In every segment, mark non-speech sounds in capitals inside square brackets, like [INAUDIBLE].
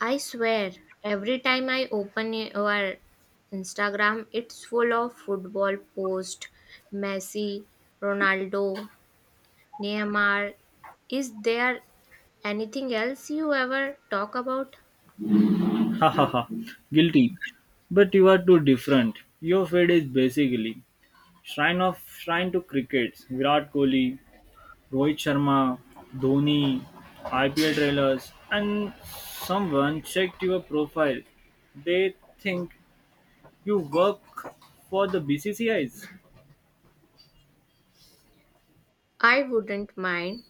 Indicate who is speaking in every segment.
Speaker 1: I swear, every time I open your Instagram, it's full of football posts. Messi, Ronaldo, Neymar. Is there anything else you ever talk about?
Speaker 2: Ha ha ha. Guilty. But you are too different. Your feed is basically shrine to crickets. Virat Kohli, Rohit Sharma, Dhoni, IPL trailers, and someone checked your profile. They think you work for the BCCIs.
Speaker 1: I wouldn't mind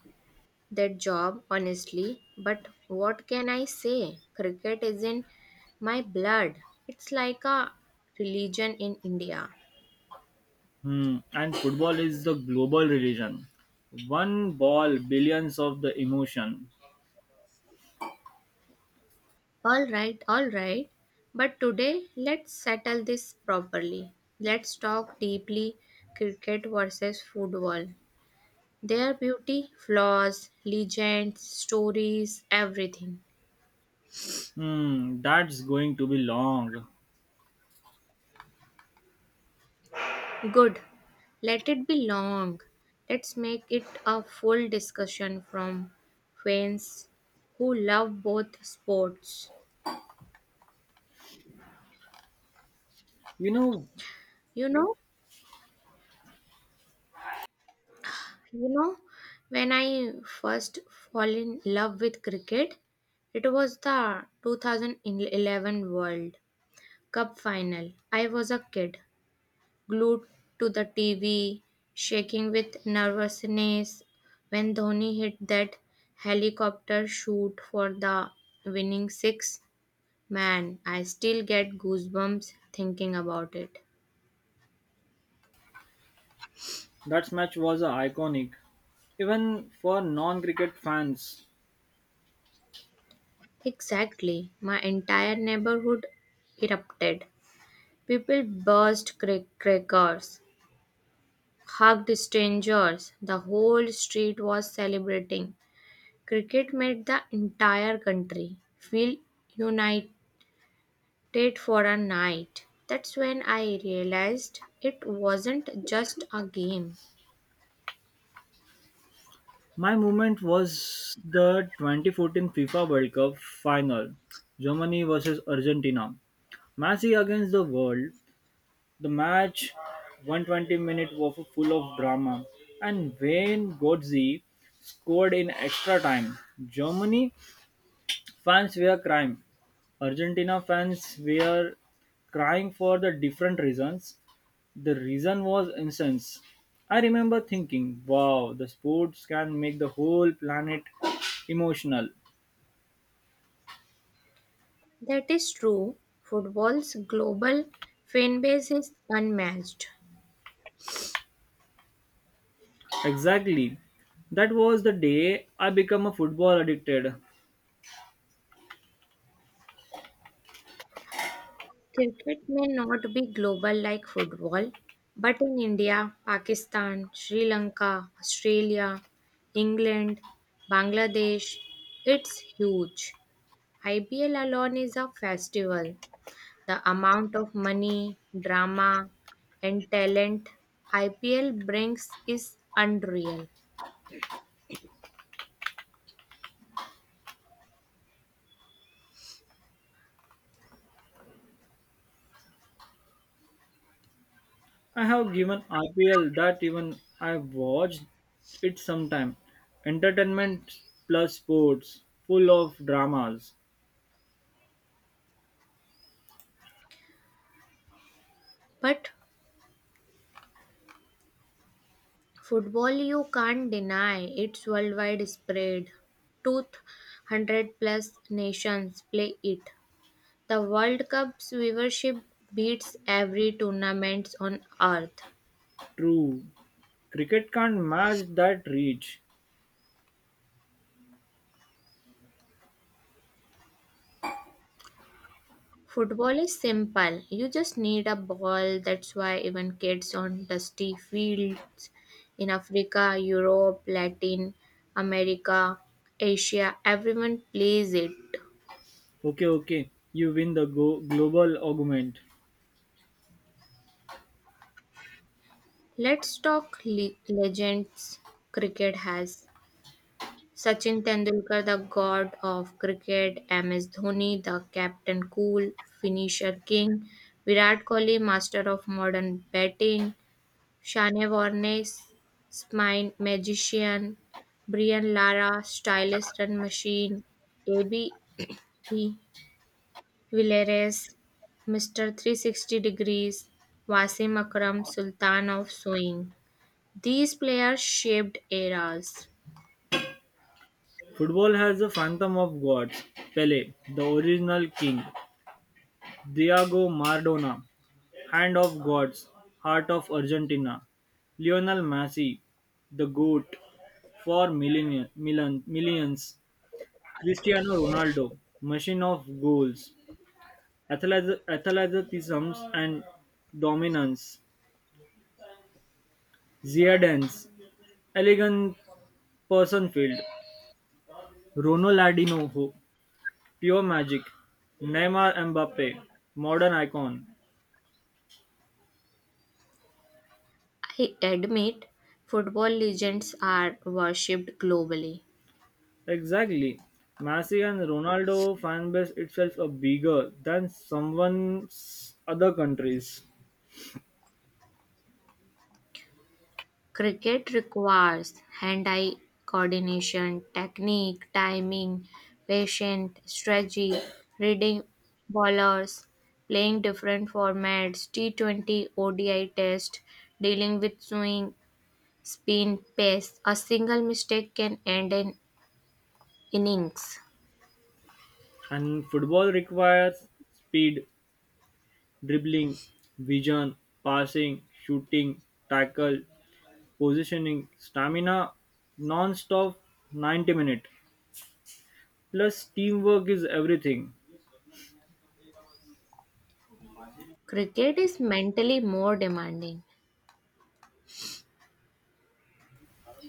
Speaker 1: that job, honestly, but what can I say? Cricket is in my blood. It's like a religion in India.
Speaker 2: Hmm. And football is the global religion. One ball, billions of the emotion.
Speaker 1: All right, all right. But today, let's settle this properly. Let's talk deeply cricket versus football. Their beauty, flaws, legends, stories, everything.
Speaker 2: Hmm. That's going to be long.
Speaker 1: Good. Let it be long. Let's make it a full discussion from fans who love both sports.
Speaker 2: You know
Speaker 1: You know, You know, when I first fall in love with cricket, it was the 2011 World Cup final. I was a kid, glued to the TV, shaking with nervousness when Dhoni hit that helicopter shoot for the winning six. Man, I still get goosebumps thinking about it.
Speaker 2: That match was iconic, even for non cricket fans.
Speaker 1: Exactly, my entire neighborhood erupted. People burst crackers, hugged strangers. The whole street was celebrating. Cricket made the entire country feel united for a night. That's when I realized it wasn't just a game.
Speaker 2: My moment was the 2014 FIFA World Cup final, Germany versus Argentina. Messi against the world. The match, 120 minutes, was full of drama, and Wayne Godze scored in extra time. Germany fans were crying. Argentina fans were crying for the different reasons. The reason was incense. I remember thinking, wow, the sports can make the whole planet emotional.
Speaker 1: That is true. Football's global fan base is unmatched.
Speaker 2: Exactly. That was the day I became a football addicted.
Speaker 1: Cricket may not be global like football, but in India, Pakistan, Sri Lanka, Australia, England, Bangladesh, it's huge. IPL alone is a festival. The amount of money, drama, and talent IPL brings is unreal.
Speaker 2: I have given IPL that even I watched it sometime. Entertainment plus sports, full of dramas.
Speaker 1: But football, you can't deny its worldwide spread. 200 plus nations play it. The World Cup's viewership beats every tournament on earth.
Speaker 2: True. Cricket can't match that reach.
Speaker 1: Football is simple. You just need a ball. That's why even kids on dusty fields in Africa, Europe, Latin America, Asia, everyone plays it.
Speaker 2: Okay, okay. You win the global argument.
Speaker 1: Let's talk legends cricket has Sachin Tendulkar, the god of cricket, MS Dhoni, the captain cool, finisher king, Virat Kohli, master of modern batting, Shane Warne, spine magician, Brian Lara, stylish run machine, AB the Villarreal, Mr. 360 degrees, Wasim Akram, Sultan of Swing. These players shaped eras.
Speaker 2: Football has a phantom of gods: Pele, the original king; Diego Maradona, hand of gods, heart of Argentina; Lionel Messi, the goat for million, million, millions; Cristiano Ronaldo, machine of goals, athleticism and dominance; Zidane's elegant person field; Ronaldinho, pure magic; Neymar Mbappe, modern icon.
Speaker 1: I admit football legends are worshipped globally.
Speaker 2: Exactly. Messi and Ronaldo fanbase itself are bigger than someone's other countries.
Speaker 1: Cricket requires hand eye coordination, technique, timing, patience, strategy, reading bowlers, playing different formats, T20 ODI test, dealing with swing, spin, pace. A single mistake can end an innings.
Speaker 2: And football requires speed, dribbling, vision, passing, shooting, tackle, positioning, stamina, non-stop 90 minute. Plus teamwork is everything.
Speaker 1: Cricket is mentally more demanding.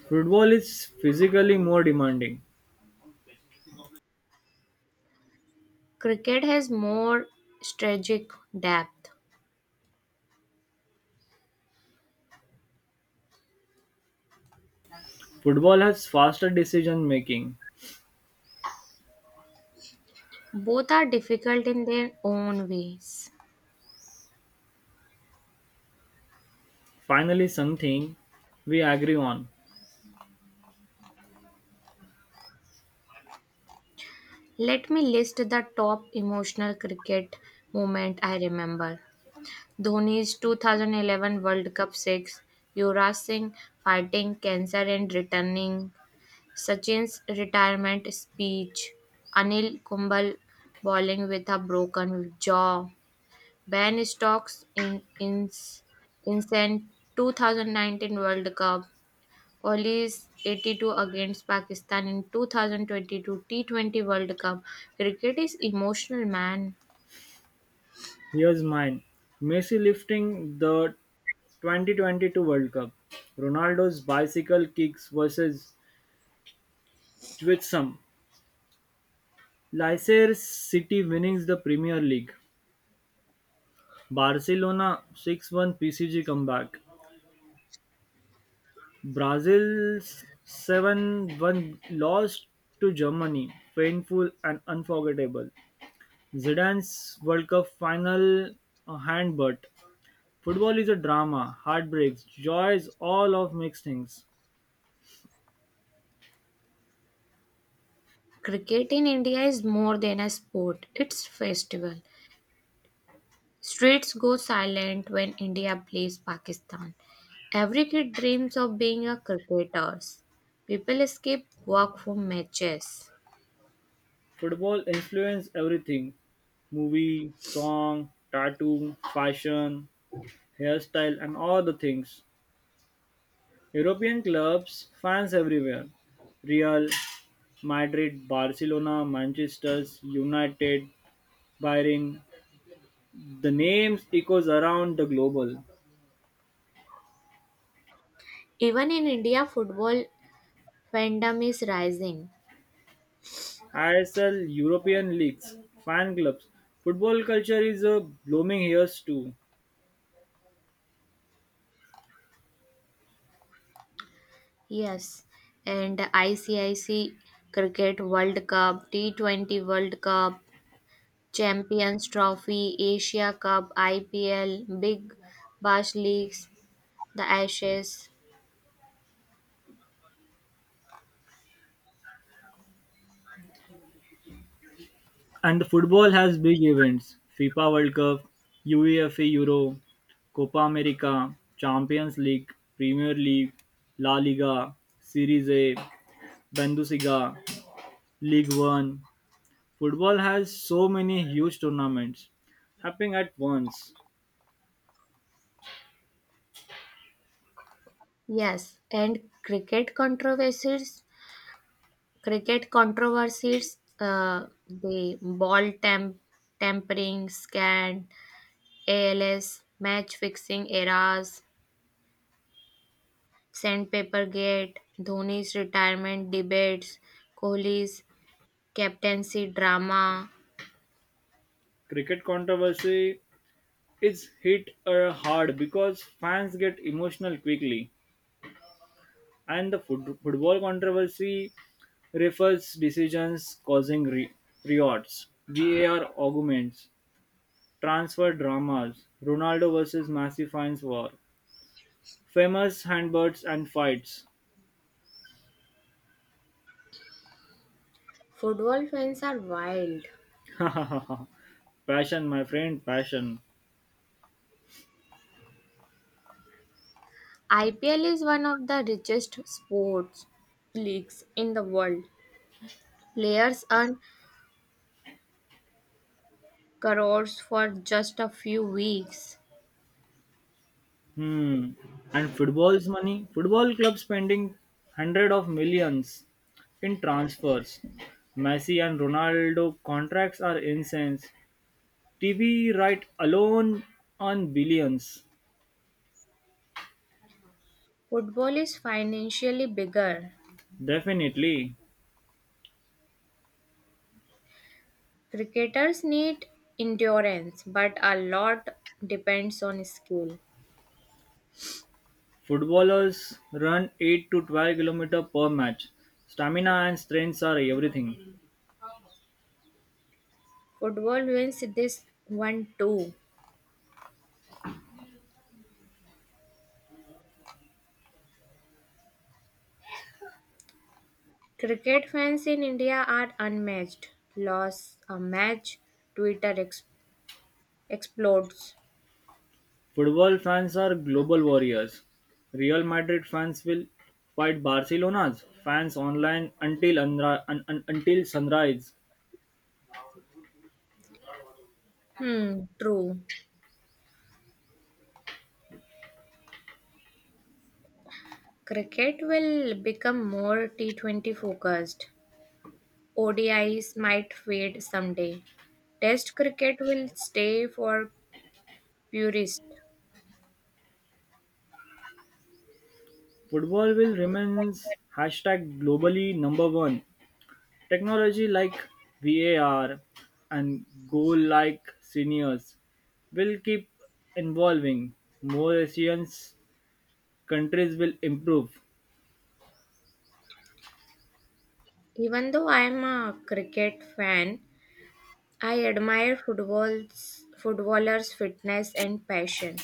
Speaker 2: Football is physically more demanding.
Speaker 1: Cricket has more strategic depth.
Speaker 2: Football has faster decision making.
Speaker 1: Both are difficult in their own ways.
Speaker 2: Finally something we agree on.
Speaker 1: Let me list the top emotional cricket moment I remember. Dhoni's 2011 World Cup 6, Yuvraj Singh fighting cancer and returning, Sachin's retirement speech, Anil Kumbal bowling with a broken jaw, Ben Stokes in 2019 World Cup, Kohli's 82 against Pakistan in 2022 T20 World Cup. Cricket is emotional, man.
Speaker 2: Here's mine. Messi lifting the 2022 World Cup. Ronaldo's bicycle kicks versus Twitsum. Leicester City winning the Premier League. Barcelona 6-1 PCG comeback. Brazil's 7-1 loss to Germany. Painful and unforgettable. Zidane's World Cup final handbutt. Football is a drama, heartbreaks, joys, all of mixed things.
Speaker 1: Cricket in India is more than a sport, it's festival. Streets go silent when India plays Pakistan. Every kid dreams of being a cricketer. People escape work for matches.
Speaker 2: Football influenced everything, movie, song, tattoo, fashion, hairstyle, and all the things. European clubs, fans everywhere: Real, Madrid, Barcelona, Manchester, United, Bayern. The names echoes around the global.
Speaker 1: Even in India, football fandom is rising.
Speaker 2: ISL, European leagues, fan clubs. Football culture is a blooming here too.
Speaker 1: Yes, and ICIC Cricket World Cup, T20 World Cup, Champions Trophy, Asia Cup, IPL, Big Bash Leagues, the Ashes.
Speaker 2: And the football has big events: FIFA World Cup, UEFA Euro, Copa America, Champions League, Premier League, La Liga, Series A, Bundesliga, League One. Football has so many huge tournaments happening at once.
Speaker 1: Yes, and cricket controversies, the ball tampering scan, ALS, match fixing errors, sandpaper gate, Dhoni's retirement debates, Kohli's captaincy, drama.
Speaker 2: Cricket controversy is hit hard because fans get emotional quickly, and the football controversy refers decisions causing riots, VAR arguments, transfer dramas, Ronaldo versus Messi fans war, famous handbirds and fights.
Speaker 1: Football fans are wild.
Speaker 2: [LAUGHS] passion, my friend, passion.
Speaker 1: IPL is one of the richest sports leagues in the world. Players earn crores for just a few weeks.
Speaker 2: Hmm. And football's money, football club spending hundred of millions in transfers. Messi and Ronaldo contracts are incense. TV right alone on billions.
Speaker 1: Football is financially bigger.
Speaker 2: Definitely.
Speaker 1: Cricketers need endurance, but a lot depends on skill.
Speaker 2: Footballers run 8 to 12 kilometers per match. Stamina and strength are everything.
Speaker 1: Football wins this one too. Cricket fans in India are unmatched. Loss a match, Twitter explodes.
Speaker 2: Football fans are global warriors. Real Madrid fans will fight Barcelona's fans online until until sunrise.
Speaker 1: Hmm, true. Cricket will become more T20 focused. ODIs might fade someday. Test cricket will stay for purists.
Speaker 2: Football will remains hashtag globally number one. Technology like VAR and goal like seniors will keep evolving. More Asian countries will improve.
Speaker 1: Even though I am a cricket fan, I admire football's footballers' fitness and passion.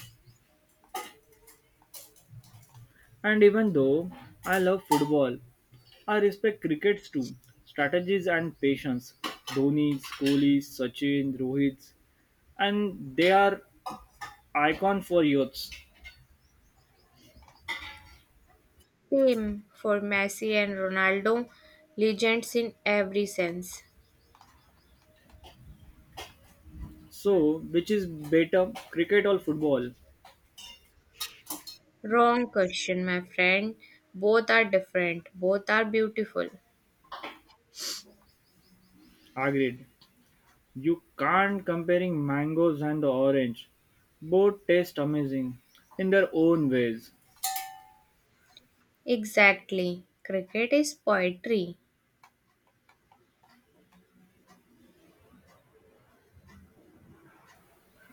Speaker 2: And even though I love football, I respect crickets too. Strategies and patience. Dhoni's, Kohli's, Sachin, Rohit's, and they are icon for youths.
Speaker 1: Same for Messi and Ronaldo, legends in every sense.
Speaker 2: So, which is better, cricket or football?
Speaker 1: Wrong question, my friend. Both are different. Both are beautiful.
Speaker 2: Agreed. You can't comparing mangoes and the orange. Both taste amazing in their own ways.
Speaker 1: Exactly. Cricket is poetry.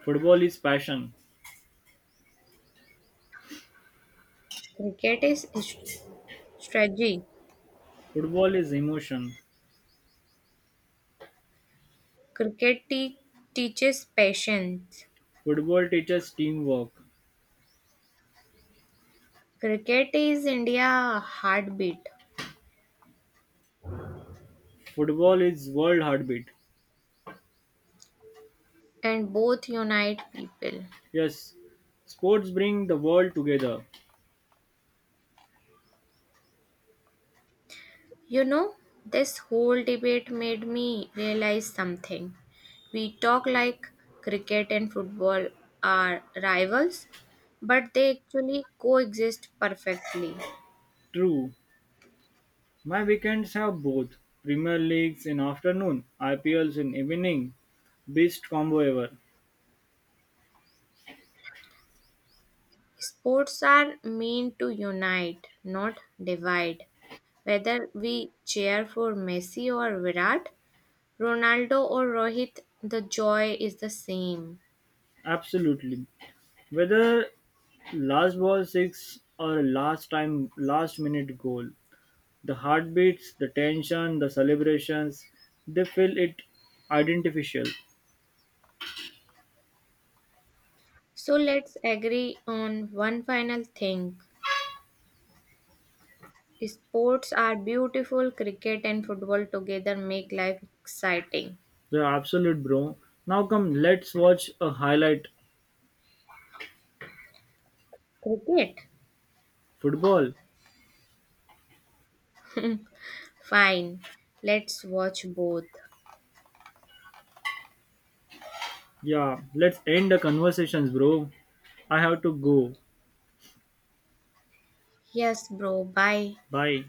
Speaker 2: Football is passion.
Speaker 1: Cricket is strategy.
Speaker 2: Football is emotion.
Speaker 1: Cricket teaches patience.
Speaker 2: Football teaches teamwork.
Speaker 1: Cricket is India heartbeat
Speaker 2: Football is world heartbeat.
Speaker 1: and both unite people.
Speaker 2: Yes, sports bring the world together.
Speaker 1: You know, this whole debate made me realize something. We talk like cricket and football are rivals, but they actually coexist perfectly.
Speaker 2: True, my weekends have both Premier Leagues in afternoon, IPLs in evening. Best combo ever.
Speaker 1: Sports are meant to unite, not divide. Whether we cheer for Messi or Virat, Ronaldo or Rohit, the joy is the same.
Speaker 2: Absolutely. Whether last ball six or last minute goal, the heartbeats, the tension, the celebrations, they feel it identificial.
Speaker 1: So let's agree on one final thing. Sports are beautiful, cricket and football together make life exciting.
Speaker 2: The absolute, bro. Now come, let's watch a highlight
Speaker 1: Cricket?
Speaker 2: football.
Speaker 1: [LAUGHS] Fine, let's watch both.
Speaker 2: Yeah, let's end the conversations, bro. I have to go.
Speaker 1: Yes, bro, bye.
Speaker 2: Bye.